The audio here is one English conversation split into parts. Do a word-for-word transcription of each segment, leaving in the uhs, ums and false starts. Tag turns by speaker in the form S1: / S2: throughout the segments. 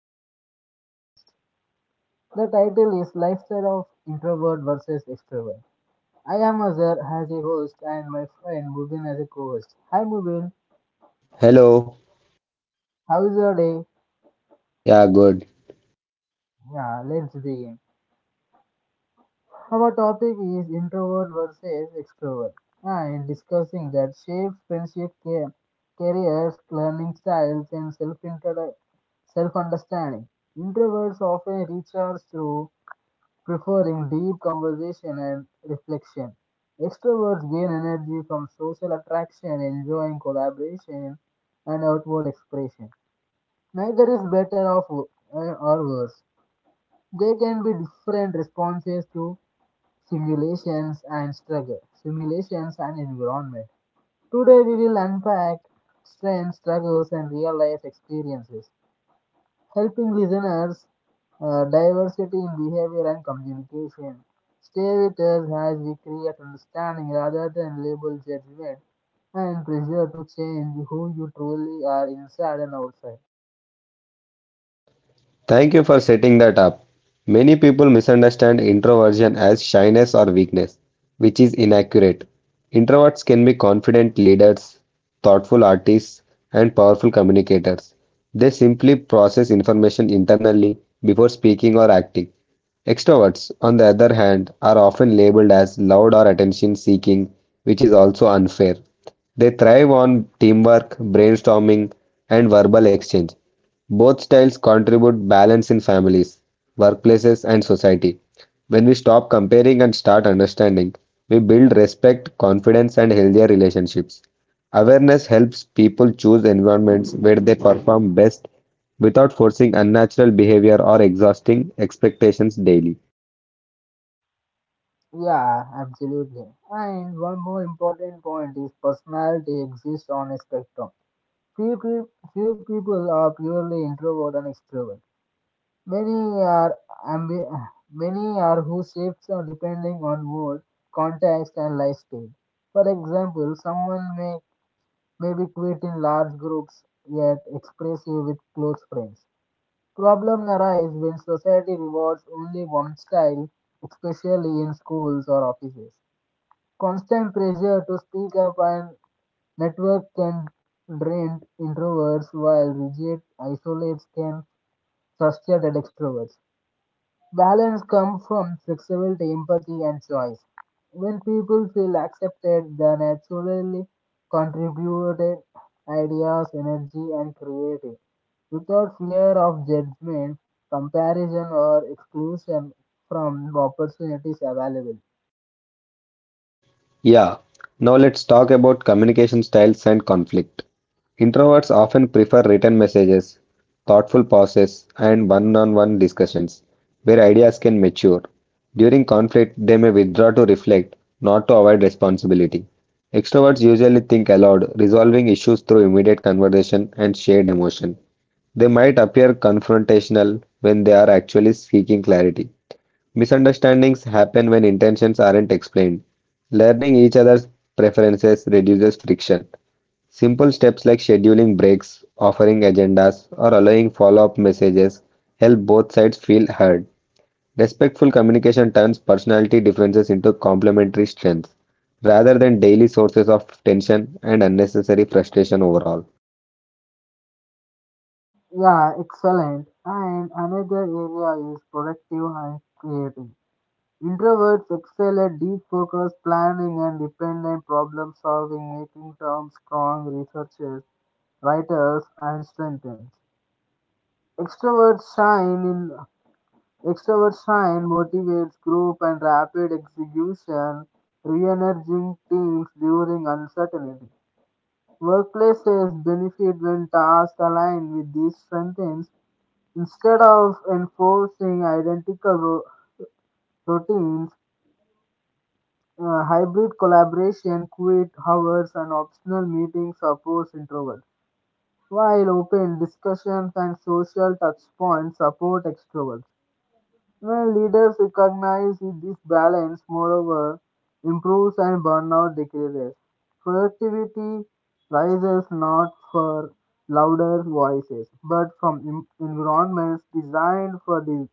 S1: to another podcast. The title is Lifestyle of Introvert versus Extrovert. I am Azhar as a host and my friend Mubin as a co-host. Hi Mubin,
S2: Hello.
S1: how is your day?
S2: Yeah, good.
S1: Yeah, let's begin. Our topic is introvert versus extrovert and discussing that shapes friendship, care, careers, learning styles and self self-understanding. Introverts often recharge through preferring deep conversation and reflection. Extroverts gain energy from social attraction, enjoying collaboration, and outward expression. Neither is better of, uh, or worse. There can be different responses to simulations and struggle, simulations and environment. Today we will unpack strengths, struggles, and real life experiences helping listeners uh, diversity in behavior and communication. Stay with us as we create understanding rather than label judgment and pressure to change who you truly are inside and outside.
S2: Thank you for setting that up. Many people misunderstand introversion as shyness or weakness, which is inaccurate. Introverts can be confident leaders, thoughtful artists, and powerful communicators. They simply process information internally before speaking or acting. Extroverts, on the other hand, are often labeled as loud or attention seeking, which is also unfair. They thrive on teamwork, brainstorming, and verbal exchange. Both styles contribute balance in families, workplaces, and society. When we stop comparing and start understanding, we build respect, confidence, and healthier relationships. Awareness helps people choose environments where they perform best without forcing unnatural behavior or exhausting expectations daily.
S1: Yeah, absolutely. And one more important point is personality exists on a spectrum. Few, peop- few people are purely introvert and extrovert. Many are ambi- many are who shifts are depending on mood, context, and lifestyle. For example, someone may maybe quit in large groups yet expressive with close friends. Problem arise when society rewards only one style, especially in schools or offices. Constant pressure to speak up and network can drain introverts, while rigid isolates can frustrate extroverts. Balance comes from flexibility, empathy, and choice. When people feel accepted, they naturally contribute ideas, energy, and creativity. Without fear of judgment, comparison, or exclusion from the opportunities available.
S2: Yeah, now let's talk about communication styles and conflict. Introverts often prefer written messages, thoughtful pauses, and one on one discussions where ideas can mature. During conflict, they may withdraw to reflect, not to avoid responsibility. Extroverts usually think aloud, resolving issues through immediate conversation and shared emotion. They might appear confrontational when they are actually seeking clarity. Misunderstandings happen when intentions aren't explained. Learning each other's preferences reduces friction. Simple steps like scheduling breaks, offering agendas, or allowing follow up messages help both sides feel heard. Respectful communication turns personality differences into complementary strengths rather than daily sources of tension and unnecessary frustration overall.
S1: Yeah, excellent. And another area is productive and creative. Introverts excel at deep focus, planning, and independent problem solving, making them strong researchers, writers, and strengthens. Extroverts shine in Extroverts shine motivates group and rapid execution, re-energizing teams during uncertainty. Workplaces benefit when tasks align with these strengths instead of enforcing identical ro- routines. Uh, hybrid collaboration, quiet hours, and optional meetings support introvert, while open discussions and social touchpoints support extroverts. When leaders recognize this balance, moreover, improves and burnout decreases. Productivity rises not for louder voices, but from em- environments designed for this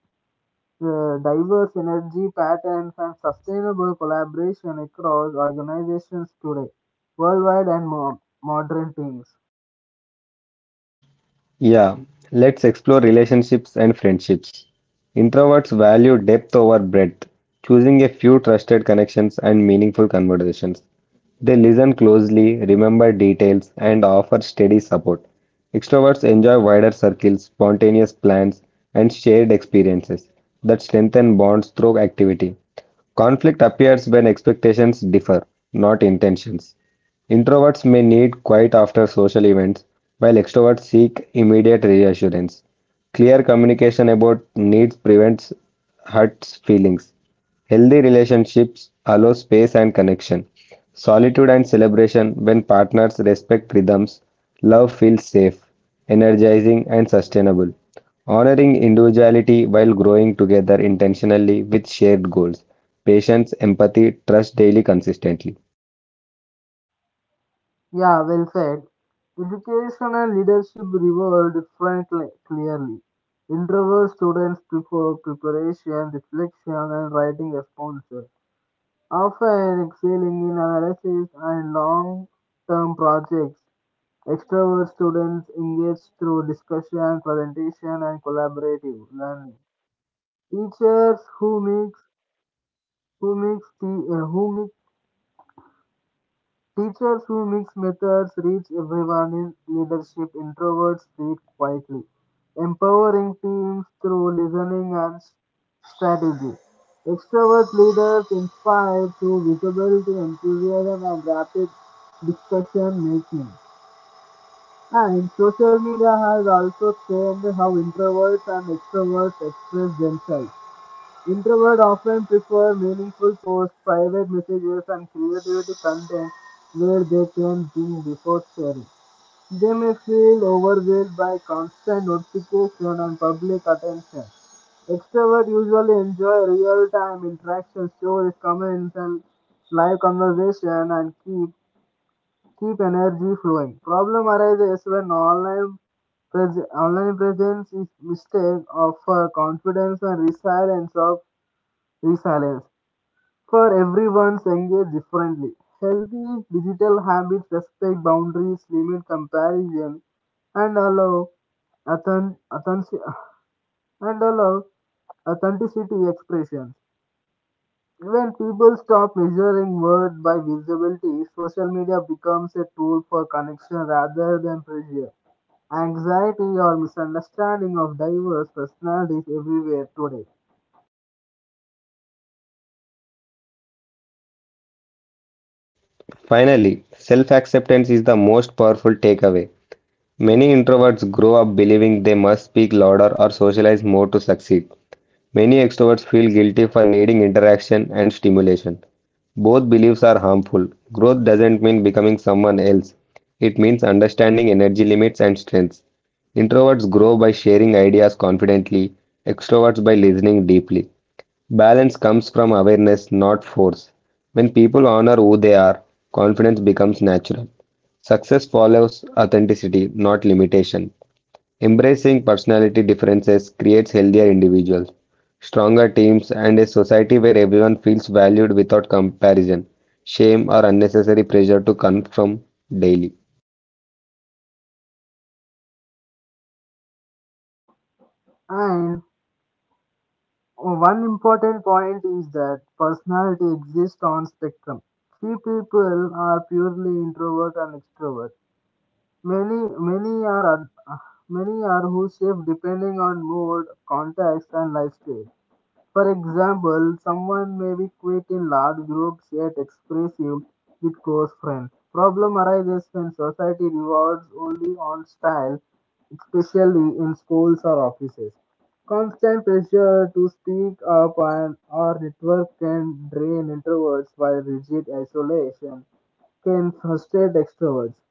S1: uh, diverse energy patterns and sustainable collaboration across organizations today, worldwide and mo- modern teams.
S2: Yeah, let's explore relationships and friendships. Introverts value depth over breadth, choosing a few trusted connections and meaningful conversations. They listen closely, remember details, and offer steady support. Extroverts enjoy wider circles, spontaneous plans, and shared experiences that strengthen bonds through activity. Conflict appears when expectations differ, not intentions. Introverts may need quiet after social events, while extroverts seek immediate reassurance. Clear communication about needs prevents hurt feelings. Healthy relationships allow space and connection. Solitude and celebration when partners respect rhythms, love feels safe, energizing, and sustainable. Honoring individuality while growing together intentionally with shared goals. Patience, empathy, trust daily consistently.
S1: Yeah, well said. Education and leadership reward differently, clearly. Introvert students prefer preparation, reflection, and writing responses, often excelling in analysis and long-term projects. Extrovert students engage through discussion, presentation, and collaborative learning. Teachers who mix who mix te- uh, who mix Teachers who mix methods reach everyone in leadership. Introverts lead quietly, empowering teams through listening and s- strategy. Extrovert leaders inspire through visibility, enthusiasm, and rapid discussion making. And social media has also changed how introverts and extroverts express themselves. Introverts often prefer meaningful posts, private messages, and creativity content where they can think before sharing. They may feel overwhelmed by constant notification and public attention. Extroverts usually enjoy real-time interactions, stories, comments, and live conversation, and keep keep energy flowing. Problem arises when online pres- online presence is mistake of uh, confidence and resilience of Resilience. For everyone's engaged differently. Healthy digital habits respect boundaries, limit comparison, and allow authen- authentic- and allow authenticity expressions. When people stop measuring worth by visibility, social media becomes a tool for connection rather than pressure. Anxiety or misunderstanding of diverse personalities everywhere today.
S2: Finally, self acceptance is the most powerful takeaway. Many introverts grow up believing they must speak louder or socialize more to succeed. Many extroverts feel guilty for needing interaction and stimulation. Both beliefs are harmful. Growth doesn't mean becoming someone else, it means understanding energy limits and strengths. Introverts grow by sharing ideas confidently, extroverts by listening deeply. Balance comes from awareness, not force. When people honor who they are, confidence becomes natural. Success follows authenticity, not limitation. Embracing personality differences creates healthier individuals, stronger teams, and a society where everyone feels valued without comparison, shame, or unnecessary pressure to conform daily.
S1: And one important point is that personality exists on spectrum. Few people are purely introvert and extrovert. Many many are ad- many are who shift depending on mood, context, and lifestyle. For example, someone may be quiet in large groups yet expressive with close friends. Problem arises when society rewards only on style, especially in schools or offices. Constant pressure to speak up and or network can drain introverts while rigid isolation can frustrate extroverts.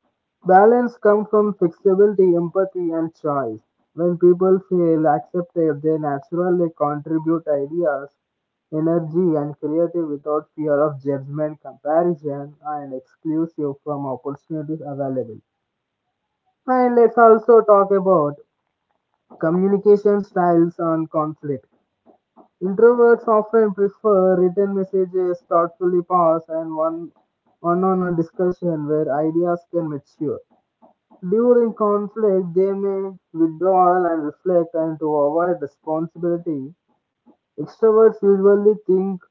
S1: Balance comes from flexibility, empathy, and choice. When people feel accepted, they naturally contribute ideas, energy, and creative without fear of judgment, comparison, and exclusive from opportunities available. And let's also talk about communication styles and conflict. Introverts often prefer written messages, thoughtfully paused, and one one-on-one discussion where ideas can mature. During conflict, they may withdraw and reflect, and to avoid responsibility, extroverts usually think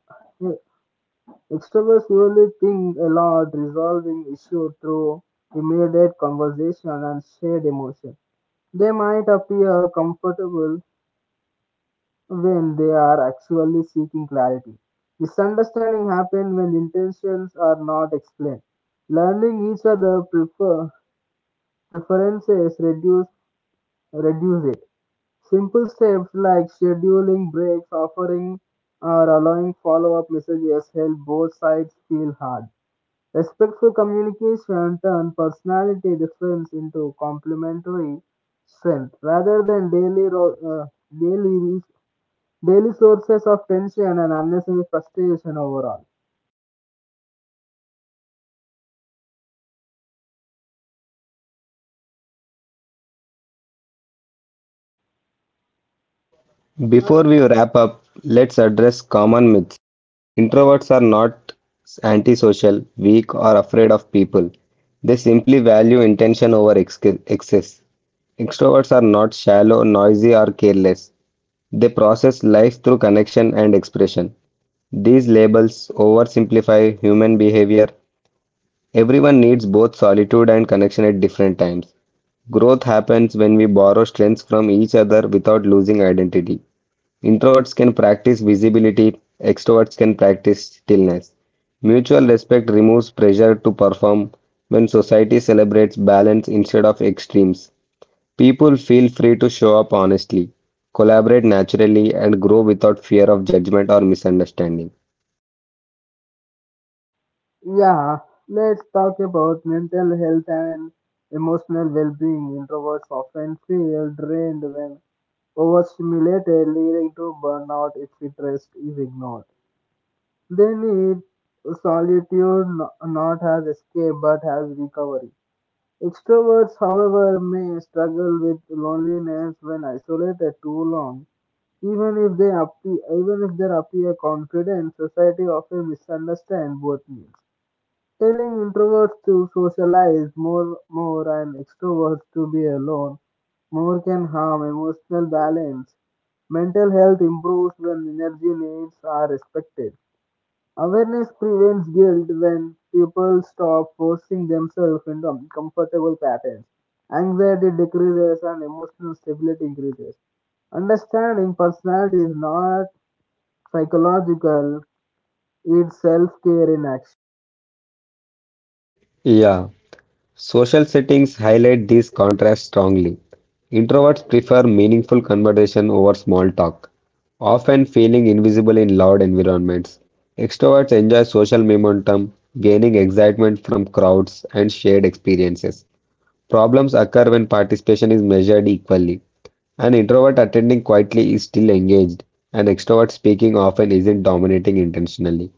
S1: extroverts usually think a lot, resolving issues through immediate conversation and shared emotion. They might appear comfortable when they are actually seeking clarity. Misunderstanding happen when intentions are not explained. Learning each other prefer, preferences reduce reduce it. Simple steps like scheduling breaks, offering or allowing follow up messages help both sides feel hard. Respectful communication turns personality difference into complementary strength rather than daily, ro- uh, daily, daily sources of tension and unnecessary frustration overall.
S2: Before we wrap up, let's address common myths. Introverts are not antisocial, weak, or afraid of people. They simply value intention over ex- excess. Extroverts are not shallow, noisy, or careless. They process life through connection and expression. These labels oversimplify human behavior. Everyone needs both solitude and connection at different times. Growth happens when we borrow strengths from each other without losing identity. Introverts can practice visibility, extroverts can practice stillness. Mutual respect removes pressure to perform when society celebrates balance instead of extremes. People feel free to show up honestly, collaborate naturally, and grow without fear of judgment or misunderstanding.
S1: Yeah, let's talk about mental health and emotional well-being. Introverts often feel drained when overstimulated, leading to burnout if rest is ignored. They need solitude no- not as escape but as recovery. Extroverts, however, may struggle with loneliness when isolated too long. Even if they appear, even if they appear confident, society often misunderstands both needs. Telling introverts to socialize more more and extroverts to be alone more can harm emotional balance. Mental health improves when energy needs are respected. Awareness prevents guilt when people stop forcing themselves into uncomfortable patterns. Anxiety decreases and emotional stability increases. Understanding personality is not psychological, it's self care in action.
S2: Yeah. Social settings highlight these contrasts strongly. Introverts prefer meaningful conversation over small talk, often feeling invisible in loud environments. Extroverts enjoy social momentum, gaining excitement from crowds and shared experiences. Problems occur when participation is measured equally. An introvert attending quietly is still engaged. An extrovert speaking often isn't dominating intentionally.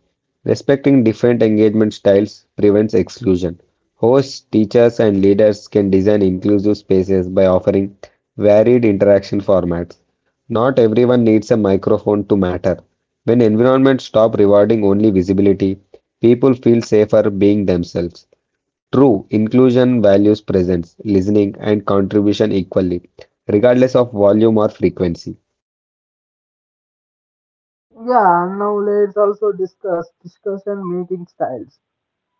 S2: Respecting different engagement styles prevents exclusion. Hosts, teachers, and leaders can design inclusive spaces by offering varied interaction formats. Not everyone needs a microphone to matter. When environments stop rewarding only visibility, people feel safer being themselves. True, inclusion values presence, listening, and contribution equally, regardless of volume or frequency.
S1: Yeah, now let's also discuss discussion making styles.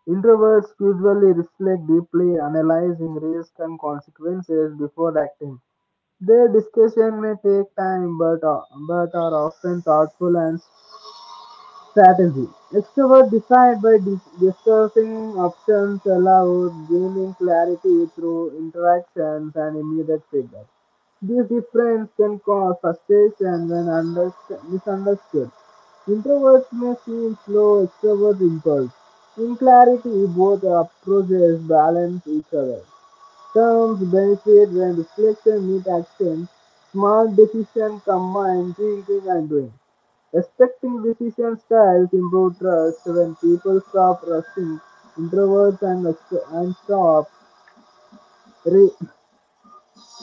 S1: Introverts usually reflect deeply, analyzing risk and consequences before acting. Their discussion may take time, but, uh, but are often thoughtful and strategy. Extrovert decide by dis- discussing options aloud, gaining clarity through interactions and immediate feedback. These differences can cause frustration when underst- misunderstood. Introverts may seem slow, extroverts impulse. In clarity, both approaches balance each other. Terms benefit when reflection meets action. Smart decisions combine thinking and doing. Respecting decision styles improve trust when people stop rushing introverts and, ext- and stop re-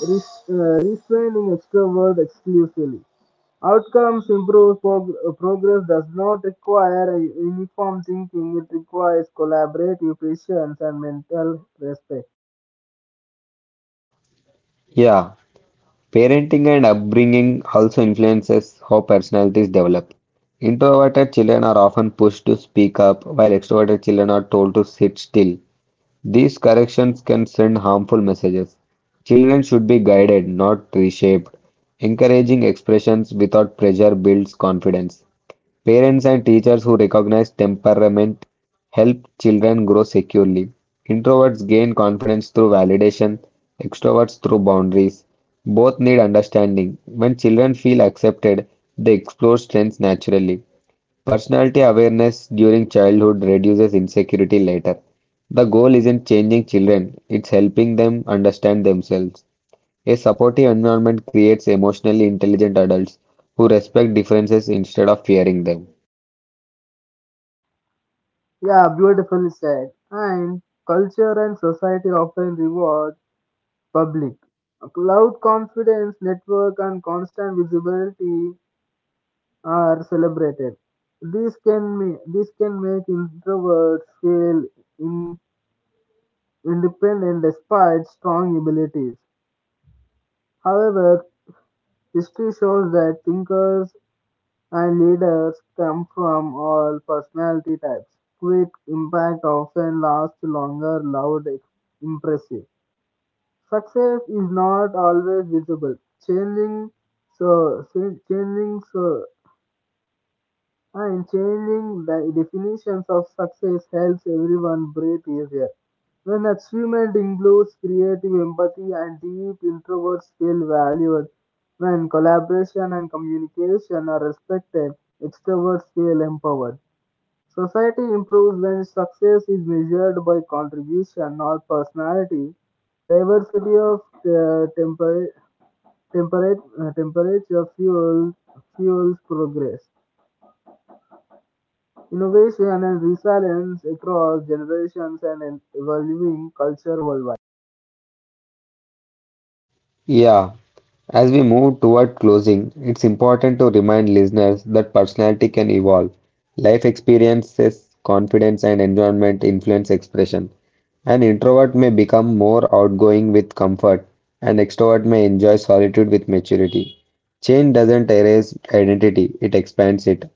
S1: res- uh, restraining extroverts exclusively. Outcomes improve prog- uh, progress does not require a uniform thinking, it requires collaborative patience and mental respect.
S2: Yeah, parenting and upbringing also influences how personalities develop. Introverted children are often pushed to speak up, while extroverted children are told to sit still. These corrections can send harmful messages. Children should be guided, not reshaped. Encouraging expressions without pressure builds confidence. Parents and teachers who recognize temperament help children grow securely. Introverts gain confidence through validation, extroverts through boundaries. Both need understanding. When children feel accepted, they explore strengths naturally. Personality awareness during childhood reduces insecurity later. The goal isn't changing children, it's helping them understand themselves. A supportive environment creates emotionally intelligent adults who respect differences instead of fearing them.
S1: Yeah, beautifully said. And culture and society often reward public. Cloud confidence, network, and constant visibility are celebrated. This can make, this can make introverts feel in, independent despite strong abilities. However, history shows that thinkers and leaders come from all personality types. Quick impact often lasts longer, loud, ex- impressive. Success is not always visible. Changing so changing so and changing the definitions of success helps everyone breathe easier. When achievement includes creative empathy and deep introverts feel valued, when collaboration and communication are respected, extroverts feel empowered. Society improves when success is measured by contribution, not personality. Diversity of uh, temper- temperate, uh, temperature fuels, fuels progress. Innovation and resilience across generations and an evolving culture worldwide.
S2: Yeah, as we move toward closing, it's important to remind listeners that personality can evolve. Life experiences, confidence, and environment influence expression. An introvert may become more outgoing with comfort, an extrovert may enjoy solitude with maturity. Change doesn't erase identity, it expands it.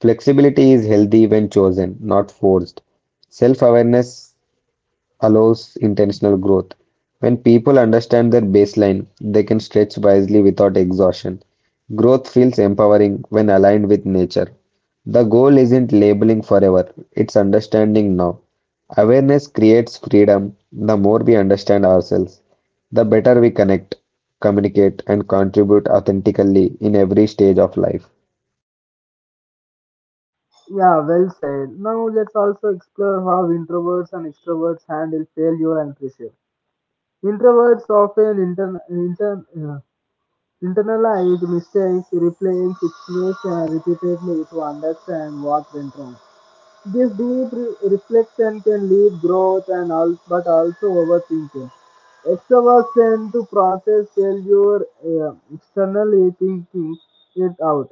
S2: Flexibility is healthy when chosen, not forced. Self awareness allows intentional growth. When people understand their baseline, they can stretch wisely without exhaustion. Growth feels empowering when aligned with nature. The goal isn't labeling forever, it's understanding now. Awareness creates freedom. The more we understand ourselves, the better we connect, communicate, and contribute authentically in every stage of life.
S1: Yeah, well said. Now let's also explore how introverts and extroverts handle failure and pressure. Introverts often intern, intern, uh, internalize mistakes, replaying situations repeatedly to understand what went wrong. This deep re- reflection can lead growth and al, but also overthinking. Extroverts tend to process failure uh, externally, thinking it out,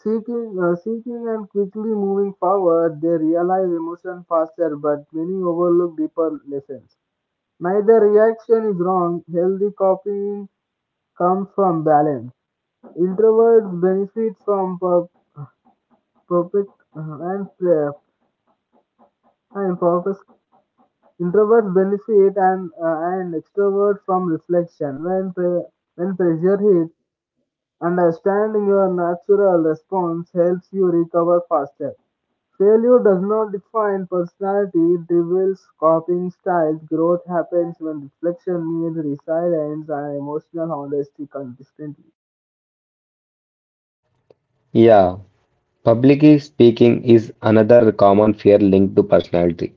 S1: seeking, uh, seeking, and quickly moving forward. They realize emotion faster, but many overlook deeper lessons. Neither reaction is wrong. Healthy copying comes from balance. Introverts benefit from per- perfect uh, and uh, and purpose. Introverts benefit and uh, and Extroverts from reflection. When pre- when pressure hits, understanding your natural response helps you recover faster. Failure does not define personality, it reveals coping styles. Growth happens when reflection meets resilience and emotional honesty consistently.
S2: Yeah. Public speaking is another common fear linked to personality.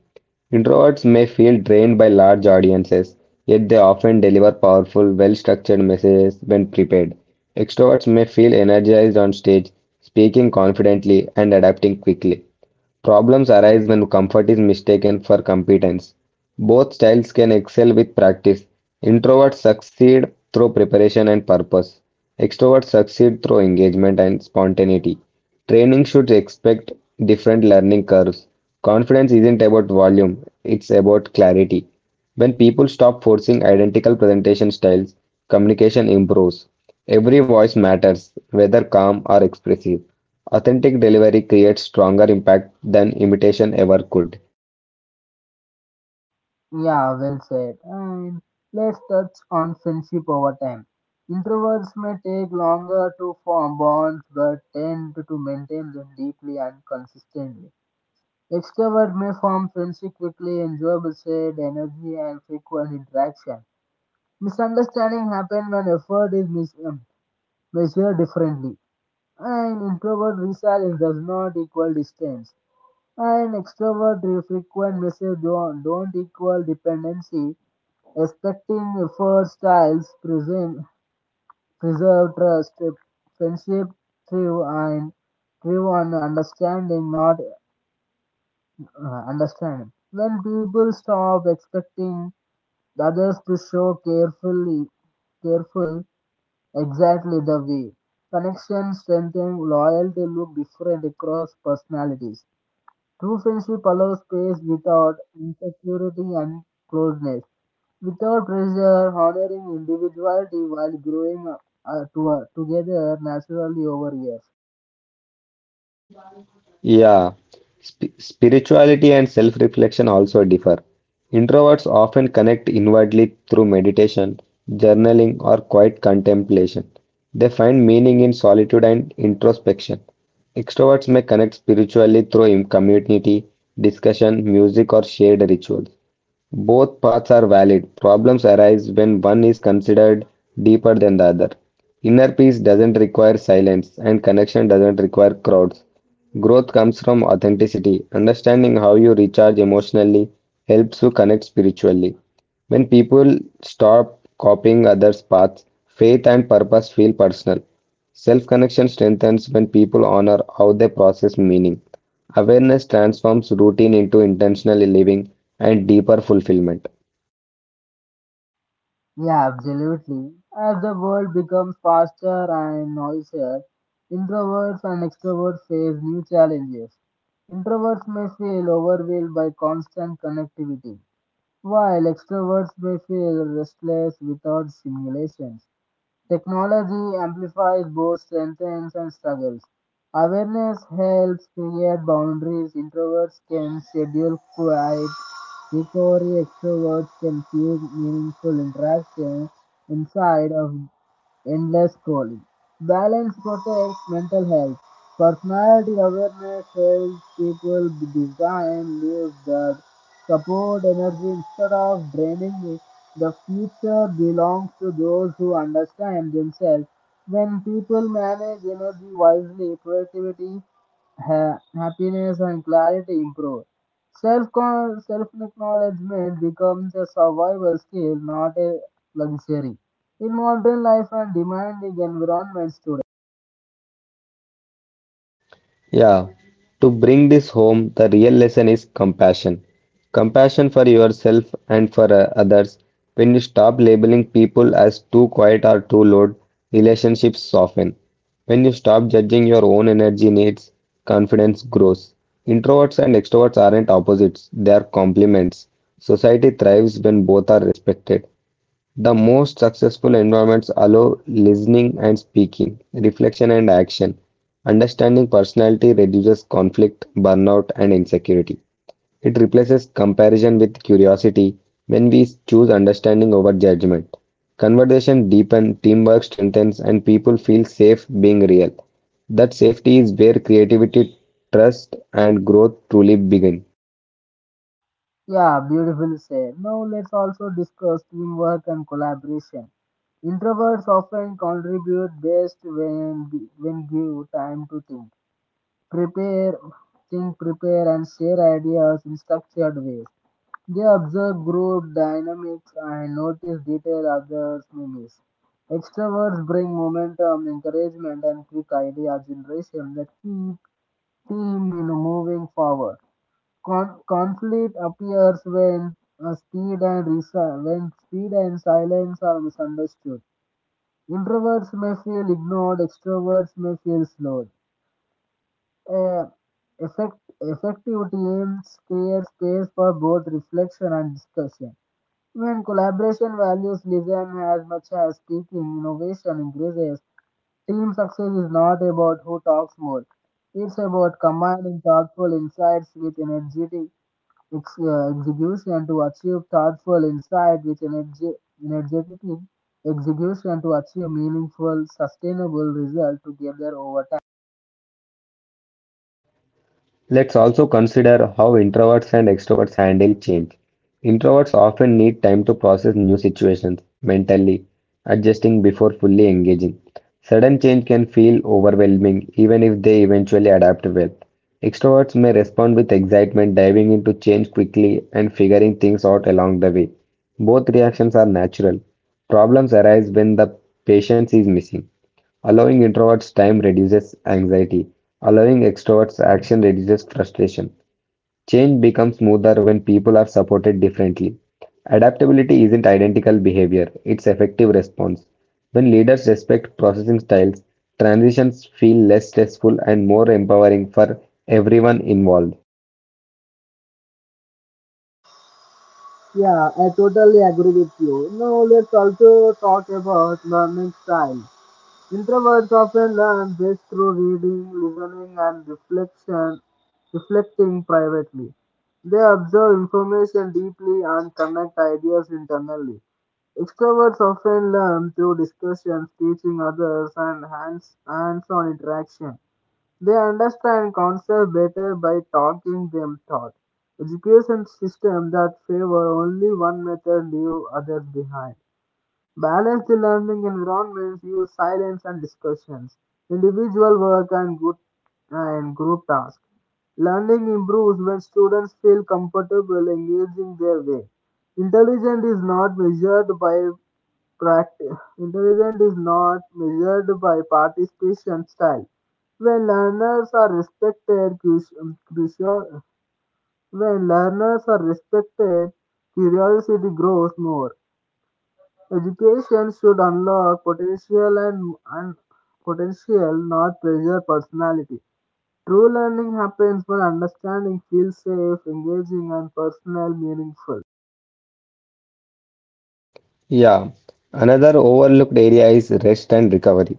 S2: Introverts may feel drained by large audiences, yet they often deliver powerful, well structured messages when prepared. Extroverts may feel energized on stage, speaking confidently and adapting quickly. Problems arise when comfort is mistaken for competence. Both styles can excel with practice. Introverts succeed through preparation and purpose. Extroverts succeed through engagement and spontaneity. Training should expect different learning curves. Confidence isn't about volume, it's about clarity. When people stop forcing identical presentation styles, communication improves. Every voice matters, whether calm or expressive. Authentic delivery creates stronger impact than imitation ever could.
S1: Yeah, well said. And let's touch on friendship over time. Introverts may take longer to form bonds but tend to maintain them deeply and consistently. Extroverts may form friendship quickly, enjoyable shared energy, and frequent interaction. Misunderstanding happen when effort is mis- um, measured differently. And introvert resilience does not equal distance. And extrovert frequent message don't, don't equal dependency. Expecting efforts styles preserve, preserve trust, friendship through and through on understanding, not uh, understanding. When people stop expecting the others to show carefully, careful exactly the way. Connection, strengthening, loyalty look different across personalities. True friendship allows space without insecurity and closeness, without pressure, honoring individuality while growing uh, to, uh, together naturally over years.
S2: Yeah, sp- spirituality and self reflection also differ. Introverts often connect inwardly through meditation, journaling, or quiet contemplation. They find meaning in solitude and introspection. Extroverts may connect spiritually through im- community, discussion, music, or shared rituals. Both paths are valid; problems arise when one is considered deeper than the other. Inner peace doesn't require silence, and connection doesn't require crowds. Growth comes from authenticity. Understanding how you recharge emotionally helps you connect spiritually. When people stop copying others' paths, faith and purpose feel personal. Self connection strengthens when people honor how they process meaning. Awareness transforms routine into intentional living and deeper fulfillment.
S1: Yeah, absolutely. As the world becomes faster and noisier, introverts and extroverts face new challenges. Introverts may feel overwhelmed by constant connectivity, while extroverts may feel restless without stimulations. Technology amplifies both strengths and struggles. Awareness helps create boundaries. Introverts can schedule quiet recovery. Extroverts can seek meaningful interaction inside of endless scrolling. Balance protects mental health. Personality awareness helps people design lives that support energy instead of draining it. The future belongs to those who understand themselves. When people manage energy wisely, productivity, ha- happiness, and clarity improve. Self self acknowledgement becomes a survival skill, not a luxury. In modern life and demanding environments today,
S2: Yeah, to bring this home, the real lesson is compassion. Compassion for yourself and for uh, others. When you stop labeling people as too quiet or too loud, relationships soften. When you stop judging your own energy needs, confidence grows. Introverts and extroverts aren't opposites, they are complements. Society thrives when both are respected. The most successful environments allow listening and speaking, reflection and action. Understanding personality reduces conflict, burnout, and insecurity. It replaces comparison with curiosity when we choose understanding over judgment. Conversation deepens, teamwork strengthens, and people feel safe being real. That safety is where creativity, trust, and growth truly begin.
S1: yeah, beautiful said. Now let's also discuss teamwork and collaboration. Introverts often contribute best when when give time to think, prepare, think, prepare, and share ideas in structured ways. They observe group dynamics and notice detail others may miss. Extroverts bring momentum, encouragement, and quick idea generation that keep team, you know, moving forward. Con- conflict appears when uh, speed and resi- when speed and silence are misunderstood. Introverts may feel ignored, extroverts may feel slowed. Uh, effect- Effective teams create space for both reflection and discussion. When collaboration values listen as much as speaking, innovation increases. Team success is not about who talks more. It's about combining thoughtful insights with energetic its uh, execution to achieve thoughtful insight with energy, energetic execution to achieve meaningful, sustainable result together over time.
S2: Let's also consider how introverts and extroverts handle change. Introverts often need time to process new situations mentally, adjusting before fully engaging. Sudden change can feel overwhelming, even if they eventually adapt well. Extroverts may respond with excitement, diving into change quickly and figuring things out along the way. Both reactions are natural. Problems arise when the patience is missing. Allowing introverts time reduces anxiety. Allowing extroverts action reduces frustration. Change becomes smoother when people are supported differently. Adaptability isn't identical behavior, it's effective response. When leaders respect processing styles, transitions feel less stressful and more empowering for everyone involved.
S1: Yeah, I totally agree with you. Now let's also talk about learning style. Introverts often learn best through reading, listening, and reflection, reflecting privately. They observe information deeply and connect ideas internally. Extroverts often learn through discussions, teaching others, and hands, hands-on interaction. They understand concepts better by talking them taught. Education system that favor only one method leave others behind. Balanced learning environments use silence and discussions, individual work and group, and group tasks. Learning improves when students feel comfortable engaging their way. Intelligence is not measured by practice. Intelligence is not measured by participation style. When learners are respected, crucial, crucial, when learners are respected, curiosity grows more. Education should unlock potential and, and potential, not pressure personality. True learning happens when understanding feels safe, engaging, and personal meaningful.
S2: Yeah, another overlooked area is rest and recovery.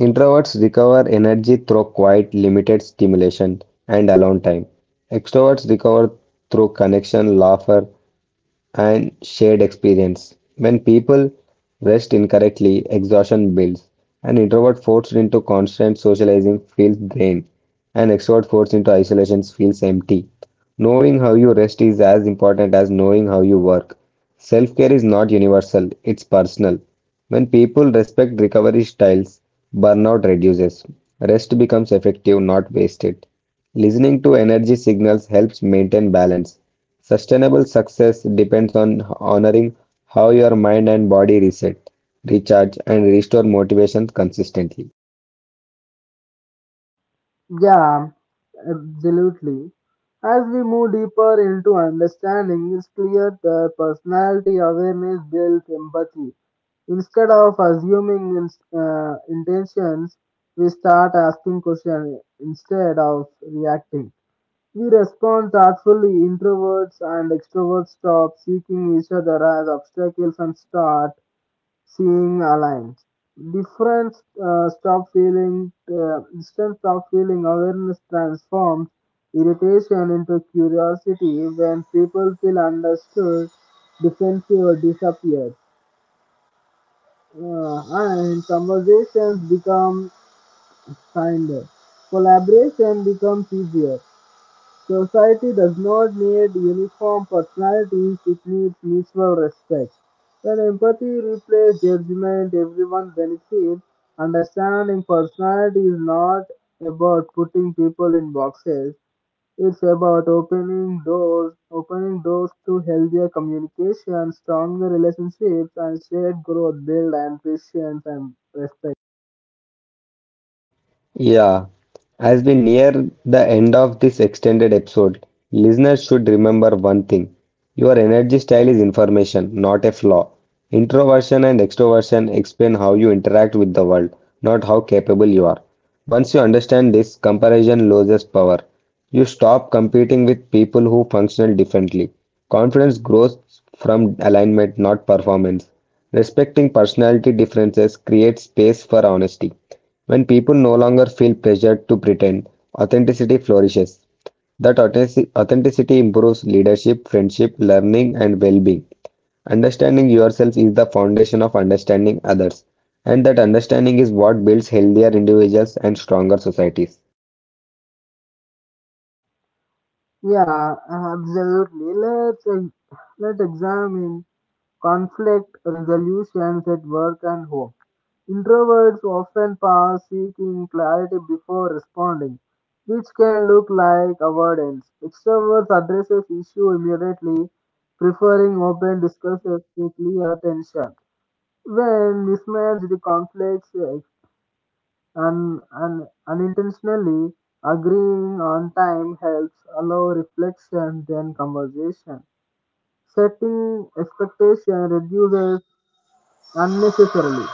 S2: Introverts recover energy through quiet, limited stimulation and alone time. Extroverts recover through connection, laughter, and shared experience. When people rest incorrectly, exhaustion builds. An introvert forced into constant socializing feels drained. An extrovert forced into isolation feels empty. Knowing how you rest is as important as knowing how you work. Self care is not universal, it's personal. When people respect recovery styles, burnout reduces. Rest becomes effective, not wasted. Listening to energy signals helps maintain balance. Sustainable success depends on honoring how your mind and body reset, recharge, and restore motivation consistently.
S1: Yeah, absolutely. As we move deeper into understanding, it's clear that personality awareness builds empathy. Instead of assuming in, uh, intentions, we start asking questions instead of reacting. We respond thoughtfully. Introverts and extroverts stop seeking each other as obstacles and start seeing alliance. Difference uh, stop feeling, uh, distance stop feeling, awareness transforms irritation into curiosity. When people feel understood, defensive disappears. Uh, and conversations become kinder. Collaboration becomes easier. Society does not need uniform personalities, it needs mutual respect. When empathy replaces judgment, everyone benefits. Understanding personality is not about putting people in boxes, it's about opening doors, opening doors to healthier communication, stronger relationships, and shared growth built on patience and respect.
S2: Yeah, as we near the end of this extended episode, listeners should remember one thing. Your energy style is information, not a flaw. Introversion and extroversion explain how you interact with the world, not how capable you are. Once you understand this, comparison loses power. You stop competing with people who function differently. Confidence grows from alignment, not performance. Respecting personality differences creates space for honesty. When people no longer feel pressured to pretend, authenticity flourishes. That authentic- authenticity improves leadership, friendship, learning, and well being. Understanding yourself is the foundation of understanding others, and that understanding is what builds healthier individuals and stronger societies.
S1: Yeah, absolutely. Let's, uh, let's examine conflict resolutions at work and home. Introverts often pass seeking clarity before responding, which can look like avoidance. Extroverts addresses issue immediately, preferring open discussions to clear tension. When mismatched conflicts uh, un, un, unintentionally, agreeing on time helps allow reflection than conversation. Setting expectation reduces unnecessarily.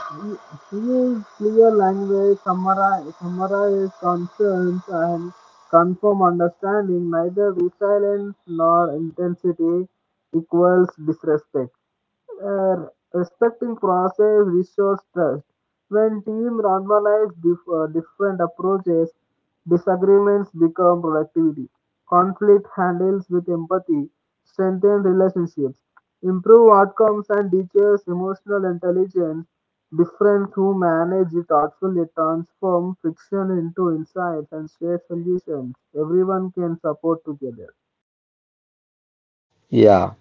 S1: He used clear language, summarize, summarize concerns, and confirm understanding. Neither resilience nor intensity equals disrespect. Uh, Respecting process restores trust. When team normalize dif- uh, different approaches, disagreements become productivity. Conflict handles with empathy, strengthen relationships, improve outcomes, and teaches emotional intelligence. Different who manage it thoughtfully transform friction into insights and share solutions. Everyone can support together.
S2: Yeah.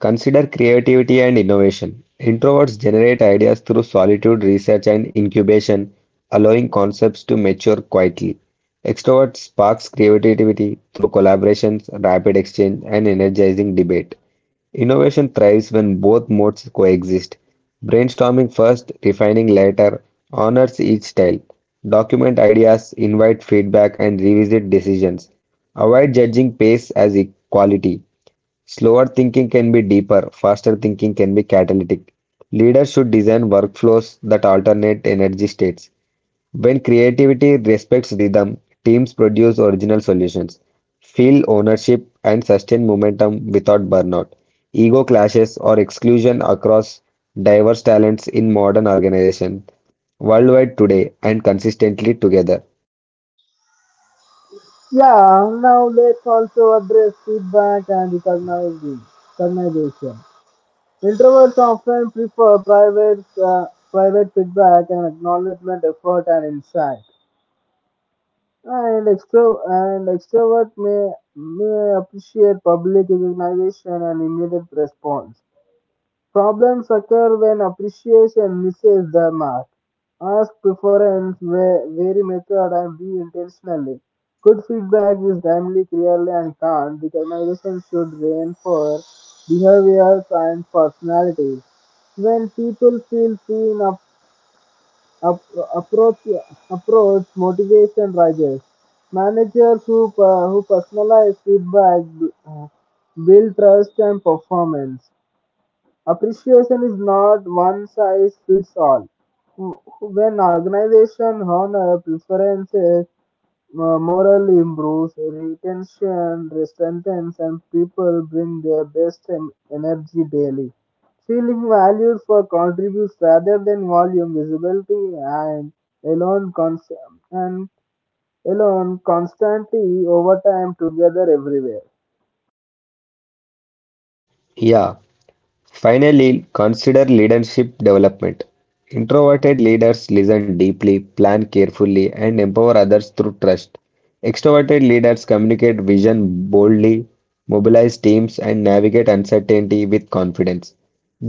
S2: Consider creativity and innovation. Introverts generate ideas through solitude, research, and incubation, allowing concepts to mature quietly. Extroverts sparks creativity through collaborations, rapid exchange, and energizing debate. Innovation thrives when both modes coexist. Brainstorming first, refining later, honors each style. Document ideas, invite feedback, and revisit decisions. Avoid judging pace as equality. Slower thinking can be deeper, faster thinking can be catalytic. Leaders should design workflows that alternate energy states. When creativity respects rhythm, teams produce original solutions, feel ownership, and sustain momentum without burnout. Ego clashes or exclusion across diverse talents in modern organizations worldwide today and consistently together.
S1: Yeah, now let's also address feedback and recognizing- recognition. Introverts often prefer private, uh, private feedback and acknowledgement, effort, and insight. And, extro- and extrovert may, may appreciate public recognition and immediate response. Problems occur when appreciation misses the mark. Ask preference where very method and be intentionally. Good feedback is timely, clearly, and calm. Recognition should reinforce behaviors and personalities. When people feel seen, up, up, approach, approach motivation rises. Managers who, per- who personalize feedback uh, build trust and performance. Appreciation is not one size fits all. When organization honor preferences, uh, morale improves, retention strengthens, and people bring their best en- energy daily. Feeling valued for contributes rather than volume, visibility, and alone, cons- and alone constantly over time together everywhere.
S2: Yeah. Finally, consider leadership development. Introverted leaders listen deeply, plan carefully, and empower others through trust. Extroverted leaders communicate vision boldly, mobilize teams, and navigate uncertainty with confidence.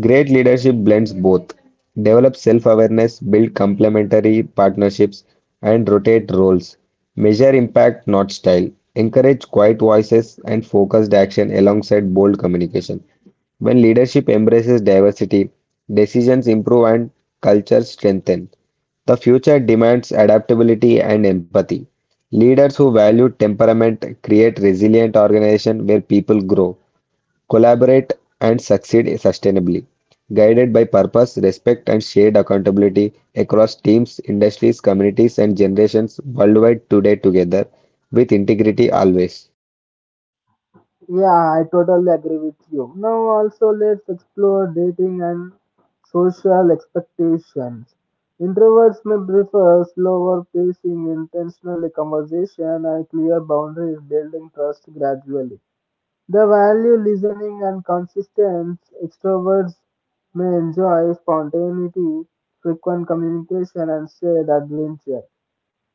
S2: Great leadership blends both. Develop self awareness, build complementary partnerships, and rotate roles. Measure impact, not style. Encourage quiet voices and focused action alongside bold communication. When leadership embraces diversity, decisions improve and cultures strengthen. The future demands adaptability and empathy. Leaders who value temperament create resilient organizations where people grow, collaborate, and succeed sustainably. Guided by purpose, respect, and shared accountability across teams, industries, communities, and generations worldwide today together with integrity always.
S1: Yeah, I totally agree with you. Now, also, let's explore dating and social expectations. Introverts may prefer slower pacing, intentional conversation, and clear boundaries, building trust gradually. They value listening and consistency. Extroverts may enjoy spontaneity, frequent communication, and shared adventure.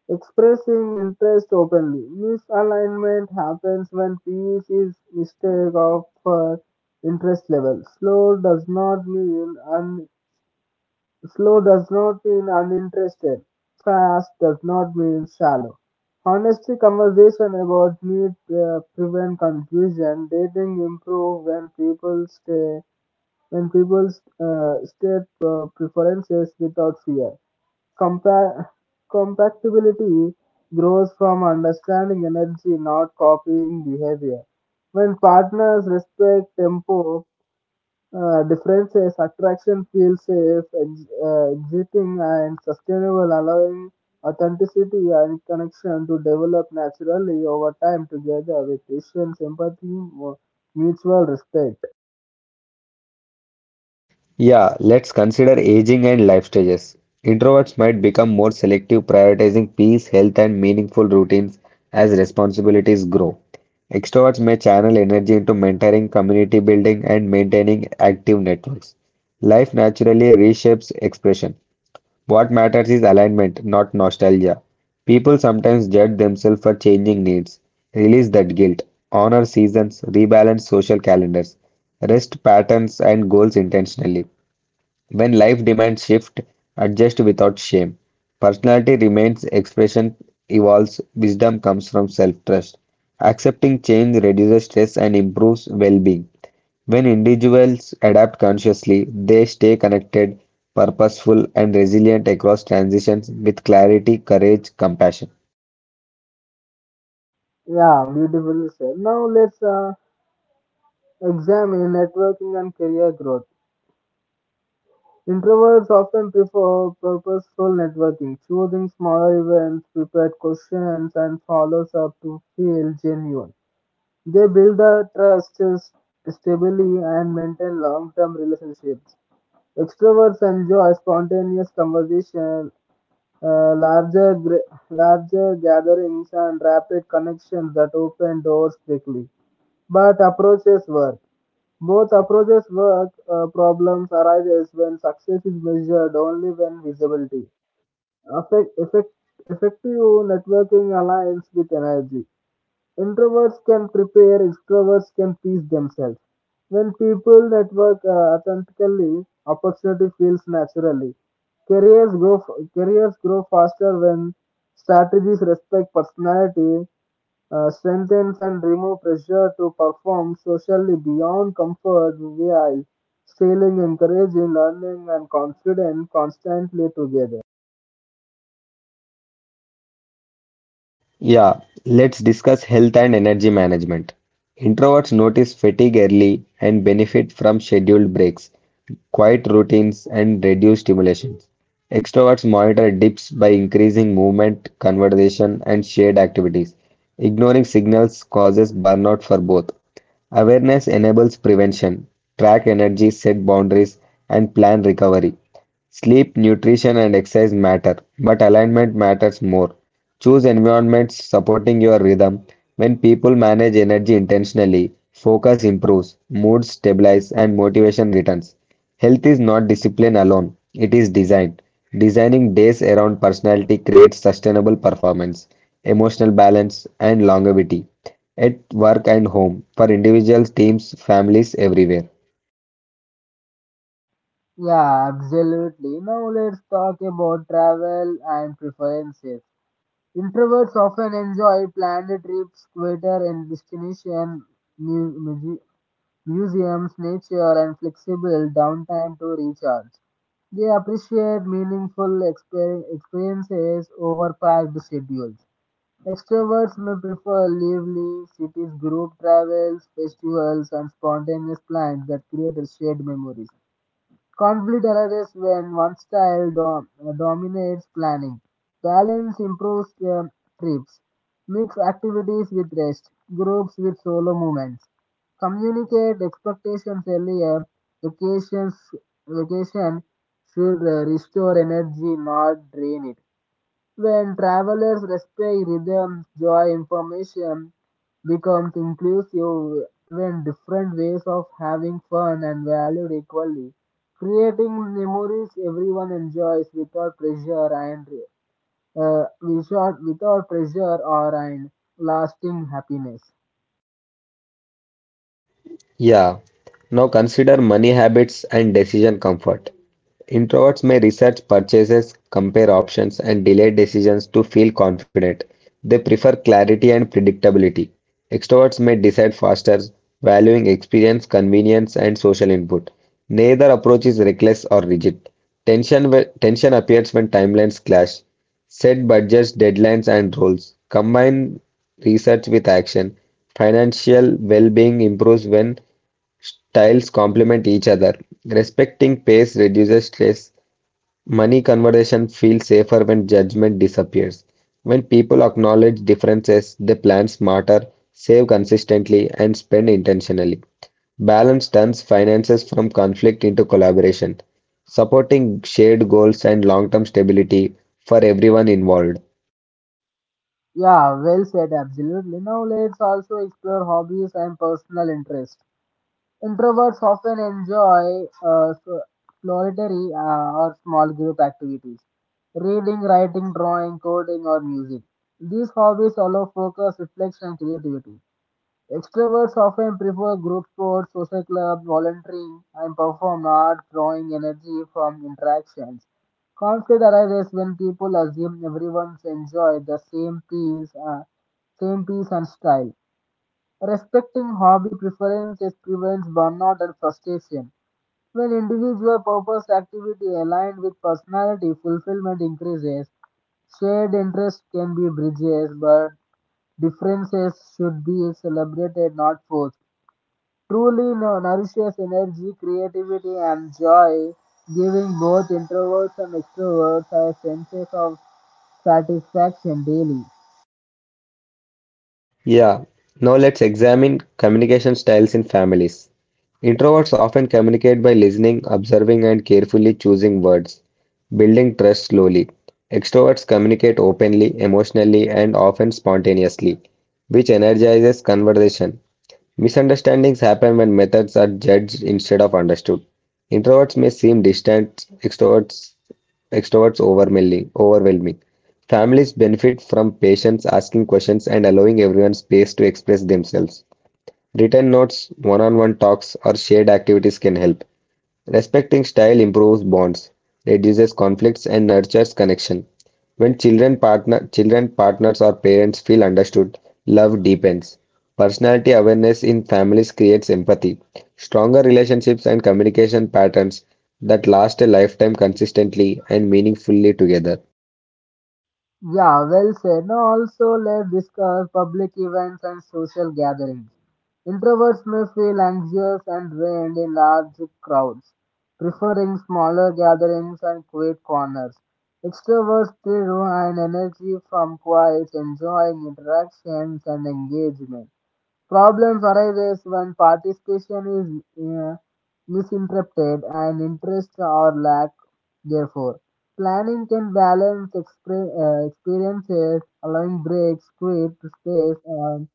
S1: Expressing interest openly. Misalignment happens when peace is mistake of for interest level. Slow does not mean un, slow does not mean uninterested. Fast does not mean shallow. Honesty conversation about need uh, prevent confusion. Dating improve when people stay when people uh, state uh, preferences without fear. Compa- Compatibility grows from understanding energy, not copying behavior. When partners respect tempo, uh, differences, attraction feels safe, ex- uh, exiting and sustainable, allowing authenticity and connection to develop naturally over time together with patience, empathy, mu- mutual respect.
S2: Yeah, let's consider aging and life stages. Introverts might become more selective, prioritizing peace, health, and meaningful routines as responsibilities grow. Extroverts may channel energy into mentoring, community building, and maintaining active networks. Life naturally reshapes expression. What matters is alignment, not nostalgia. People sometimes judge themselves for changing needs. Release that guilt. Honor seasons, rebalance social calendars, rest patterns, and goals intentionally. When life demands shift, adjust without shame. Personality remains, expression evolves, wisdom comes from self-trust. Accepting change reduces stress and improves well-being. When individuals adapt consciously, they stay connected, purposeful, and resilient across transitions with clarity, courage, compassion.
S1: Yeah, beautifully said. Now let's uh, examine networking and career growth. Introverts often prefer purposeful networking, choosing smaller events, prepared questions, and follows up to feel genuine. They build the trust s- stably and maintain long-term relationships. Extroverts enjoy spontaneous conversation, uh, larger gra- larger gatherings, and rapid connections that open doors quickly. But approaches work. Both approaches work. Uh, problems arise when success is measured only when visibility. affect, effect, Effective networking aligns with energy. Introverts can prepare, extroverts can please themselves. When people network uh, authentically, opportunity feels naturally. Careers grow, f- careers grow faster when strategies respect personality uh, strengthens and remove pressure to perform socially beyond comfort while still encouraging learning and confidence constantly together.
S2: Yeah, let's discuss health and energy management. Introverts notice fatigue early and benefit from scheduled breaks, quiet routines, and reduced stimulations. Extroverts monitor dips by increasing movement, conversation, and shared activities. Ignoring signals causes burnout for both. Awareness enables prevention, track energy, set boundaries, and plan recovery. Sleep, nutrition, and exercise matter, but alignment matters more. Choose environments supporting your rhythm. When people manage energy intentionally, focus improves, mood stabilizes, and motivation returns. Health is not discipline alone, it is design. Designing days around personality creates sustainable performance, emotional balance, and longevity at work and home for individuals, teams, families everywhere.
S1: Yeah, absolutely. Now let's talk about travel and preferences. Introverts often enjoy planned trips, quieter and destination mu- mu- museums, nature, and flexible downtime to recharge. They appreciate meaningful exper- experiences over packed schedules. Extroverts may prefer lively cities, group travels, festivals, and spontaneous plans that create shared memories. Conflict arises when one style dom- dominates planning. Balance improves um, trips. Mix activities with rest, groups with solo movements. Communicate expectations earlier. Vacations, Vacation should uh, restore energy, not drain it. When travelers respect rhythms, joy information becomes inclusive when different ways of having fun and valued equally, creating memories everyone enjoys without pressure and uh, without, without pressure or and lasting happiness.
S2: Yeah. Now consider money habits and decision comfort. Introverts may research purchases, compare options, and delay decisions to feel confident. They prefer clarity and predictability. Extroverts may decide faster, valuing experience, convenience, and social input. Neither approach is reckless or rigid. Tension, whe- tension appears when timelines clash. Set budgets, deadlines, and roles. Combine research with action. Financial well being improves when styles complement each other. Respecting pace reduces stress. Money conversation feels safer when judgment disappears. When people acknowledge differences, they plan smarter, save consistently, and spend intentionally. Balance turns finances from conflict into collaboration, supporting shared goals and long-term stability for everyone involved.
S1: Yeah, well said, absolutely. Now let's also explore hobbies and personal interests. Introverts often enjoy uh, so- solitary uh, or small group activities, reading, writing, drawing, coding, or music. These hobbies allow focus, reflection, and creativity. Extroverts often prefer group sports, social clubs, volunteering, and perform art, drawing energy from interactions. Conflict arises when people assume everyone enjoys the same piece, uh, same piece and style. Respecting hobby preferences prevents burnout and frustration. When individual purpose activity aligned with personality fulfillment increases, shared interests can be bridges, but differences should be celebrated, not forced. Truly no- nourishes energy, creativity, and joy, giving both introverts and extroverts a sense of satisfaction daily.
S2: Yeah, now let's examine communication styles in families. Introverts often communicate by listening, observing, and carefully choosing words, building trust slowly. Extroverts communicate openly, emotionally, and often spontaneously, which energizes conversation. Misunderstandings happen when methods are judged instead of understood. Introverts may seem distant, extroverts extroverts overwhelming overwhelming Families benefit from patience, asking questions, and allowing everyone space to express themselves. Written notes, one-on-one talks, or shared activities can help. Respecting style improves bonds, reduces conflicts, and nurtures connection. When children, partner, children, partners, or parents feel understood, love deepens. Personality awareness in families creates empathy, stronger relationships, and communication patterns that last a lifetime consistently and meaningfully together.
S1: Yeah, well said. Now, also, let's discuss public events and social gatherings. Introverts may feel anxious and drained in large crowds, preferring smaller gatherings and quiet corners. Extroverts derive energy from quiet, enjoying interactions and engagement. Problems arise when participation is uh, misinterpreted and interest or lack therefore. Planning can balance exper- uh, experiences, allowing breaks, create space, and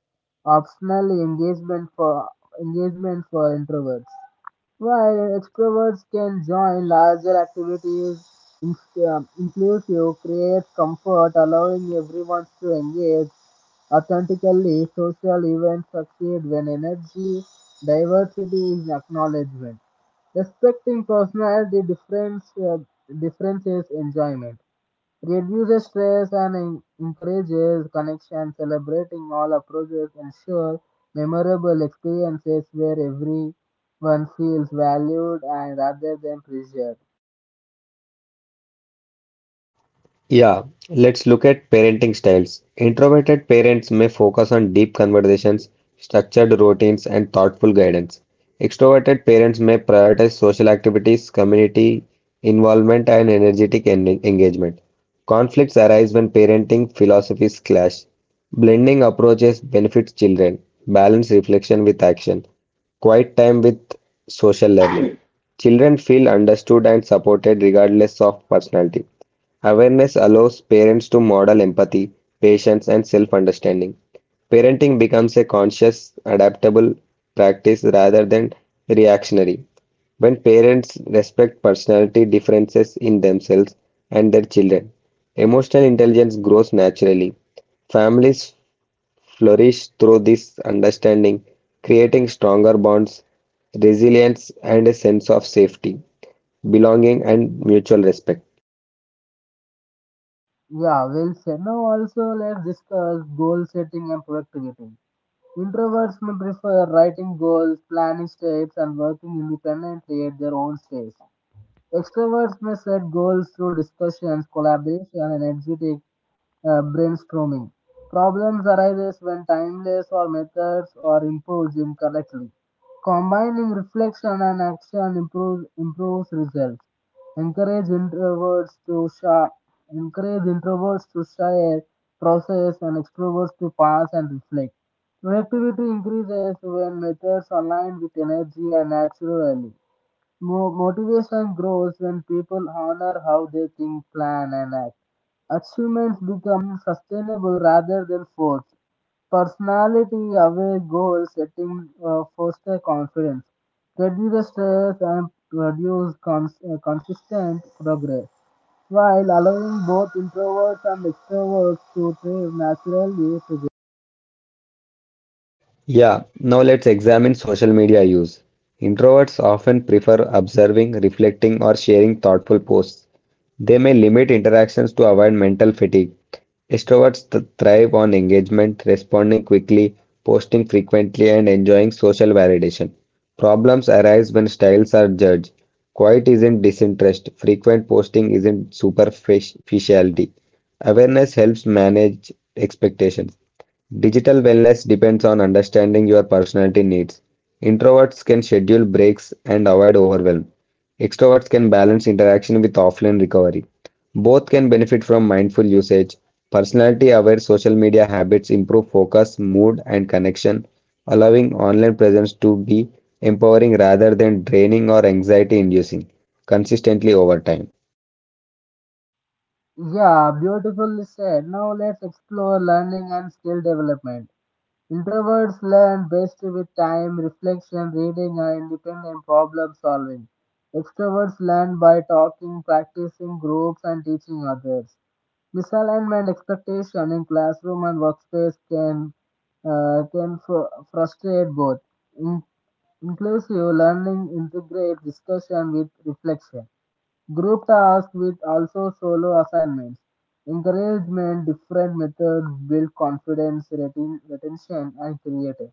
S1: optional engagement for engagement for introverts. While extroverts can join larger activities, in- um, inclusive creates comfort, allowing everyone to engage authentically, social events succeed when energy diversity is acknowledgement. Respecting personality difference, uh, differences enjoyment, reduces stress and en- encourages connection. Celebrating all approaches ensure memorable experiences where everyone feels valued and rather than pressured.
S2: Yeah, let's look at parenting styles. Introverted parents may focus on deep conversations, structured routines, and thoughtful guidance. Extroverted parents may prioritize social activities, community involvement, and energetic en- engagement. Conflicts arise when parenting philosophies clash. Blending approaches benefits children. Balance reflection with action. Quiet time with social learning. Children feel understood and supported regardless of personality. Awareness allows parents to model empathy, patience, and self understanding. Parenting becomes a conscious, adaptable practice rather than reactionary. When parents respect personality differences in themselves and their children, emotional intelligence grows naturally. Families flourish through this understanding, creating stronger bonds, resilience, and a sense of safety, belonging, and mutual respect.
S1: Yeah, well said. Now also let's discuss goal setting and productivity. Introverts may prefer writing goals, planning steps, and working independently at their own pace. Extroverts may set goals through discussions, collaboration, and energetic uh, brainstorming. Problems arise when timeless or methods are imposed incorrectly. Combining reflection and action improves, improves results. Encourage introverts to share, Encourage introverts to share, process, and extroverts to pass and reflect. Productivity increases when methods align with energy and naturally. Mo- motivation grows when people honor how they think, plan, and act. Achievements become sustainable rather than forced. Personality aware goal setting uh, foster confidence, reduce stress, and produce cons- uh, consistent progress, while allowing both introverts and extroverts to thrive naturally together.
S2: Yeah, now let's examine social media use. Introverts often prefer observing, reflecting, or sharing thoughtful posts. They may limit interactions to avoid mental fatigue. Extroverts th- thrive on engagement, responding quickly, posting frequently, and enjoying social validation. Problems arise when styles are judged. Quiet isn't disinterest, frequent posting isn't superficiality. Awareness helps manage expectations. Digital wellness depends on understanding your personality needs. Introverts can schedule breaks and avoid overwhelm. Extroverts can balance interaction with offline recovery. Both can benefit from mindful usage. Personality aware social media habits improve focus, mood, and connection, allowing online presence to be empowering rather than draining or anxiety inducing consistently over time.
S1: Yeah, beautifully said. Now let's explore learning and skill development. Introverts learn best with time, reflection, reading, and independent problem solving. Extroverts learn by talking, practicing groups, and teaching others. Misalignment expectation in classroom and workspace can uh, can fr- frustrate both. In- Inclusive learning integrate discussion with reflection. Group tasks with also solo assignments. Encouragement, different methods build confidence, retin- retention, and creative.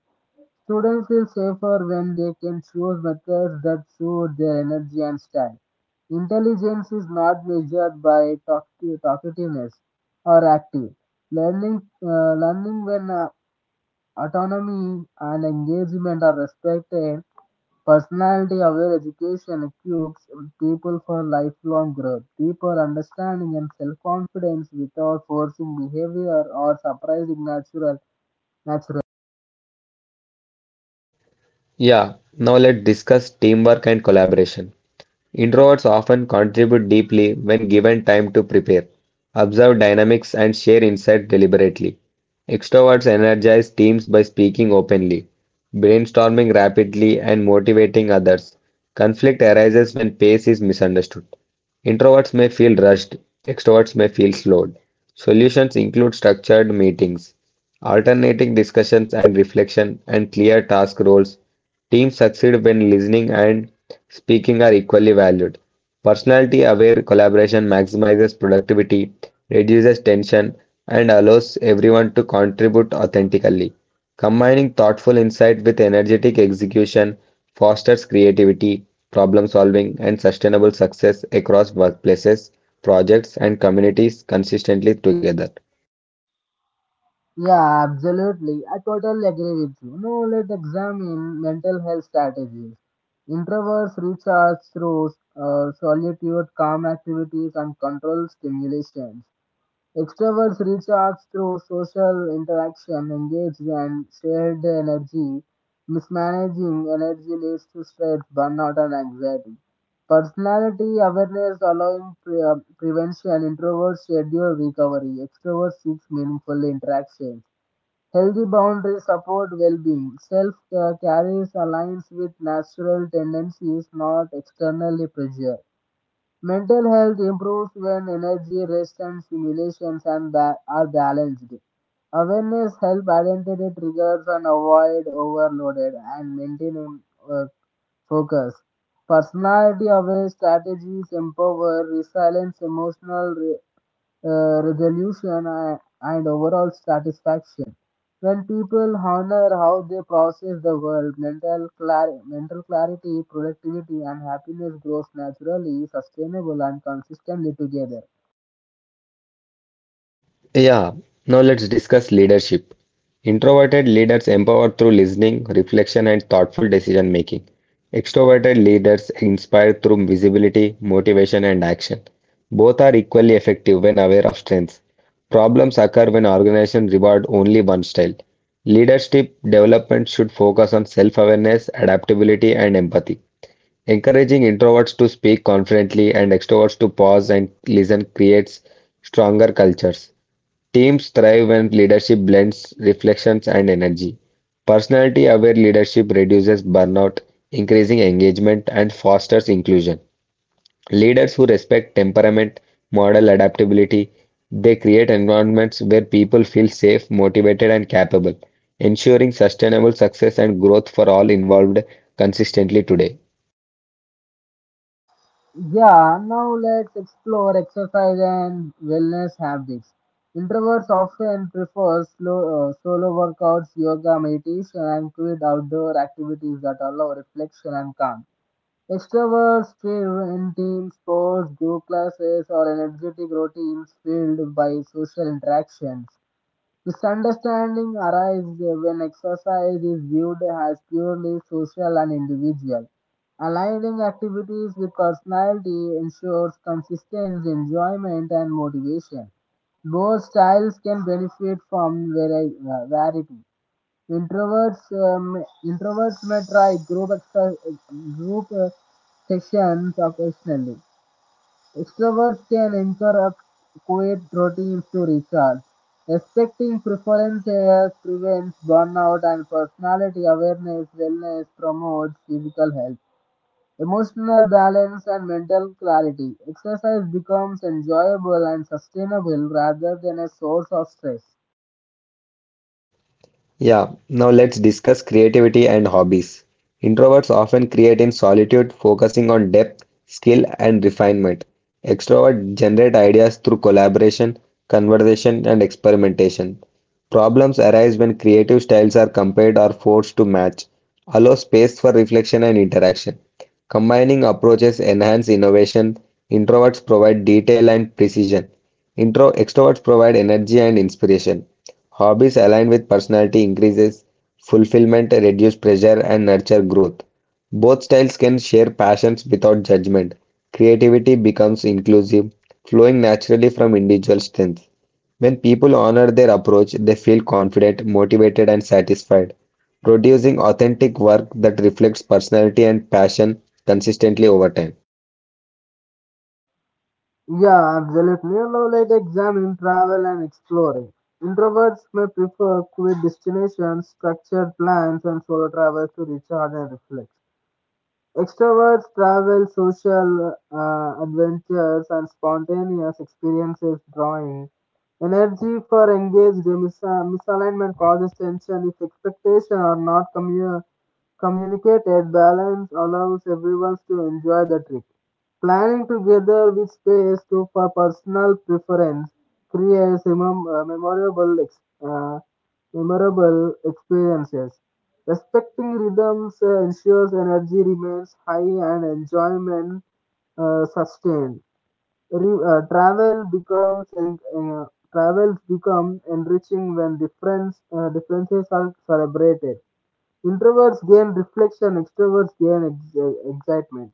S1: Students feel safer when they can choose methods that suit their energy and style. Intelligence is not measured by talk- talkativeness or active. Learning, uh, learning when uh, autonomy and engagement are respected. Personality aware education equips people for lifelong growth, deeper understanding, and self confidence without forcing behavior or surprising natural natural.
S2: Yeah, now let's discuss teamwork and collaboration. Introverts often contribute deeply when given time to prepare, observe dynamics, and share insight deliberately. Extroverts energize teams by speaking openly, brainstorming rapidly, and motivating others. Conflict arises when pace is misunderstood. Introverts may feel rushed, extroverts may feel slowed. Solutions include structured meetings, alternating discussions and reflection, and clear task roles. Teams succeed when listening and speaking are equally valued. Personality-aware collaboration maximizes productivity, reduces tension, and allows everyone to contribute authentically. Combining thoughtful insight with energetic execution fosters creativity, problem solving, and sustainable success across workplaces, projects, and communities consistently together.
S1: Yeah, absolutely. I totally agree with you. Now let's examine mental health strategies. Introverts recharge through uh, solitude, calm activities, and controlled stimulation. Extroverts reach out through social interaction, engage and shared energy. Mismanaging energy leads to stress, burnout, and anxiety. Personality awareness allowing pre- uh, prevention, introverts schedule recovery, extroverts seek meaningful interactions. Healthy boundaries support well-being. Self-care carries aligns with natural tendencies, not externally pressured. Mental health improves when energy, rest, and stimulations and ba- are balanced. Awareness helps identify triggers and avoid overloaded and maintaining uh, focus. Personality aware strategies empower resilience, emotional uh, resolution uh, and overall satisfaction. When people honor how they process the world, mental, clar- mental clarity, productivity, and happiness grows naturally, sustainable, and consistently together.
S2: Yeah, now let's discuss leadership. Introverted leaders empower through listening, reflection, and thoughtful decision making. Extroverted leaders inspire through visibility, motivation, and action. Both are equally effective when aware of strengths. Problems occur when organizations reward only one style. Leadership development should focus on self-awareness, adaptability, and empathy. Encouraging introverts to speak confidently and extroverts to pause and listen creates stronger cultures. Teams thrive when leadership blends reflections and energy. Personality-aware leadership reduces burnout, increasing engagement, and fosters inclusion. Leaders who respect temperament, model adaptability, they create environments where people feel safe, motivated, and capable, ensuring sustainable success and growth for all involved consistently today.
S1: Yeah, now let's explore exercise and wellness habits. Introverts often prefer slow, uh, solo workouts, yoga, meditation, and quiet outdoor activities that allow reflection and calm. Extroverts thrive in team sports, group classes, or energetic routines filled by social interactions. Misunderstanding arises when exercise is viewed as purely social and individual. Aligning activities with personality ensures consistent enjoyment and motivation. Both styles can benefit from vari- uh, variety. Introverts um, introverts may try group extra, group uh, sessions occasionally. Extroverts can interrupt quiet routines to recharge. Respecting preferences prevents burnout and personality awareness wellness promotes physical health, emotional balance and mental clarity. Exercise becomes enjoyable and sustainable rather than a source of stress.
S2: Yeah, now let's discuss creativity and hobbies. Introverts often create in solitude, focusing on depth, skill, and refinement. Extroverts generate ideas through collaboration, conversation, and experimentation. Problems arise when creative styles are compared or forced to match. Allow space for reflection and interaction. Combining approaches enhance innovation. Introverts provide detail and precision. Intro Extroverts provide energy and inspiration. Hobbies aligned with personality increases fulfillment, reduce pressure, and nurture growth. Both styles can share passions without judgment. Creativity becomes inclusive, flowing naturally from individual strengths. When people honor their approach, they feel confident, motivated, and satisfied, producing authentic work that reflects personality and passion consistently over time.
S1: Yeah, absolutely. You know, like examine, travel, and exploring. Introverts may prefer quiet destinations, structured plans, and solo travels to recharge and reflect. Extroverts travel, social uh, adventures, and spontaneous experiences, drawing energy for engaged mis- uh, misalignment causes tension if expectations are not commu- communicated. Balance allows everyone to enjoy the trip. Planning together with space to for personal preference creates mem- uh, memorable ex- uh, memorable experiences. Respecting rhythms uh, ensures energy remains high and enjoyment uh, sustained. Re- uh, travel becomes en- uh, travels become enriching when difference uh, differences are celebrated. Introverts gain reflection, extroverts gain ex- excitement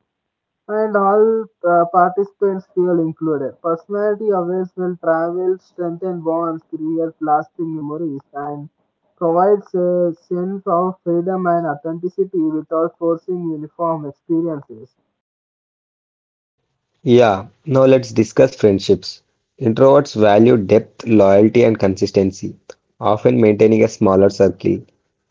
S1: and all uh, participants feel included. Personality awareness will travel, strengthen bonds, create lasting memories, and provides a sense of freedom and authenticity without forcing uniform experiences.
S2: Yeah, now let's discuss friendships. Introverts value depth, loyalty, and consistency, often maintaining a smaller circle.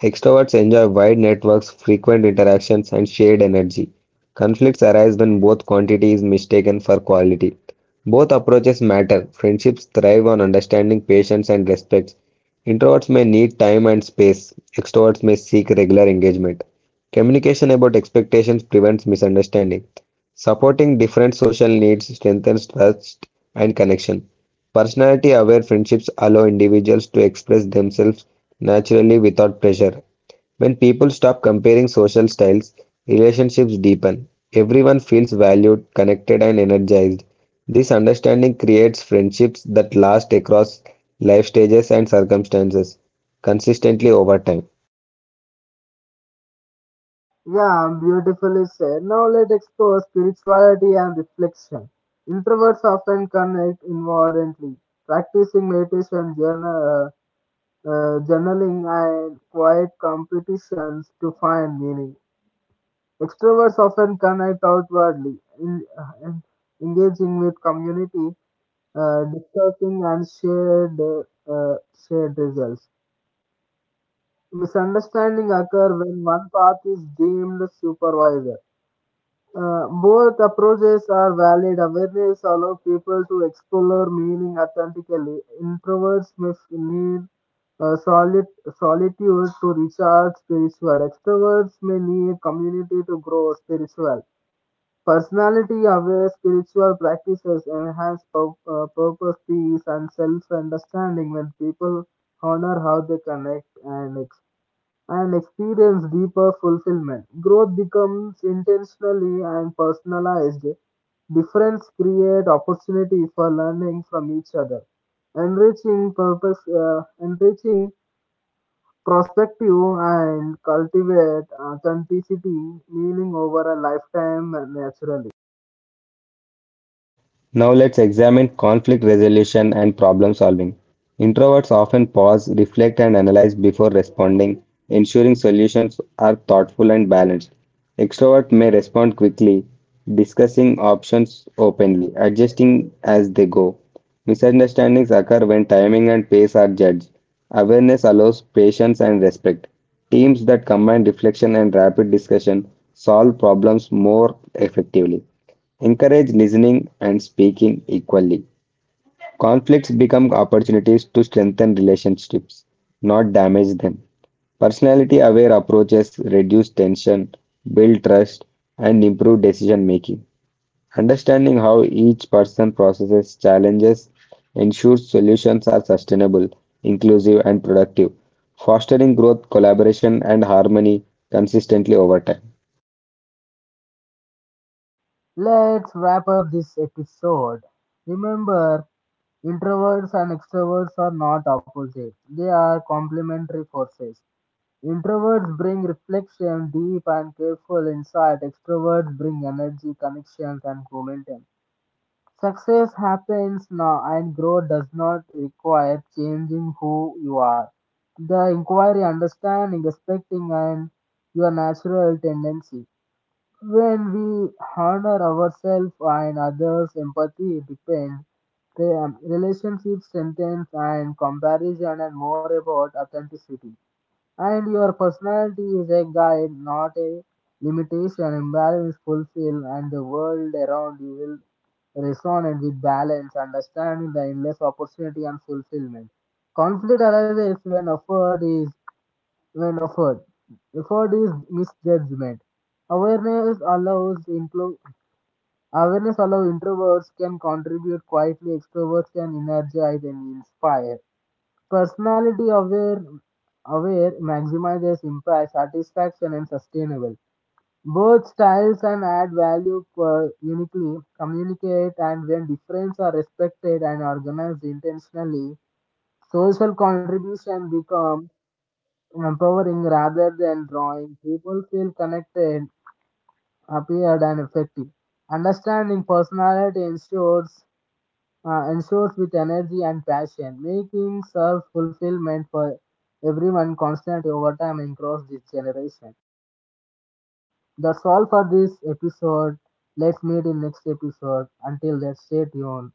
S2: Extroverts enjoy wide networks, frequent interactions, and shared energy. Conflicts arise when both quantity is mistaken for quality. Both approaches matter. Friendships thrive on understanding, patience, and respect. Introverts may need time and space, extroverts may seek regular engagement. Communication about expectations prevents misunderstanding. Supporting different social needs strengthens trust and connection. Personality aware friendships allow individuals to express themselves naturally without pressure. When people stop comparing social styles, relationships deepen. Everyone feels valued, connected, and energized. This understanding creates friendships that last across life stages and circumstances consistently over time.
S1: Yeah, beautifully said. Now let's explore spirituality and reflection. Introverts often connect inwardly, practicing meditation, journal, uh, uh, journaling, and quiet competitions to find meaning. Extroverts often connect outwardly, in, in- engaging with community, uh, discussing and shared uh, shared results. Misunderstanding occur when one path is deemed supervisor. Uh, both approaches are valid. Awareness allows people to explore meaning authentically. Introverts may f- need uh, solid solitude to recharge spiritual. Extroverts may need community to grow spiritual. Personality aware spiritual practices enhance pur- uh, purpose, peace, and self understanding when people honor how they connect and, ex- and experience deeper fulfillment. Growth becomes intentionally and personalized. Difference create opportunity for learning from each other, enriching purpose, uh, enriching perspective, and cultivate authenticity, meaning over a lifetime naturally.
S2: Now let's examine conflict resolution and problem solving. Introverts often pause, reflect, and analyze before responding, ensuring solutions are thoughtful and balanced. Extroverts may respond quickly, discussing options openly, adjusting as they go. Misunderstandings occur when timing and pace are judged. Awareness allows patience and respect. Teams that combine reflection and rapid discussion solve problems more effectively. Encourage listening and speaking equally. Conflicts become opportunities to strengthen relationships, not damage them. Personality aware approaches reduce tension, build trust, and improve decision making. Understanding how each person processes challenges ensures solutions are sustainable, inclusive, and productive, fostering growth, collaboration, and harmony consistently over time.
S1: Let's wrap up this episode. Remember, introverts and extroverts are not opposites, they are complementary forces. Introverts bring reflection, deep and careful insight. Extroverts bring energy, connections, and momentum. Success happens now, and growth does not require changing who you are. The inquiry, understanding, respecting, and your natural tendency. When we honor ourselves and others, empathy depends. The um, relationship strengthens and comparison and more about authenticity. And your personality is a guide, not a limitation. Imbalance fulfill and the world around you will resonate with balance, understanding the endless opportunity and fulfillment. Conflict arises when effort is when offered. Effort is misjudgment. Awareness allows impro- awareness allows introverts can contribute quietly, extroverts can energize and inspire. Personality aware aware maximizes impact, satisfaction and sustainable. Both styles and add value per uniquely, communicate and when differences are respected and organized intentionally, social contribution becomes empowering rather than drawing. People feel connected, appeared, and effective. Understanding personality ensures uh, ensures with energy and passion, making self fulfillment for everyone constant over time and across this generation. That's all for this episode. Let's meet in next episode. Until then, stay tuned.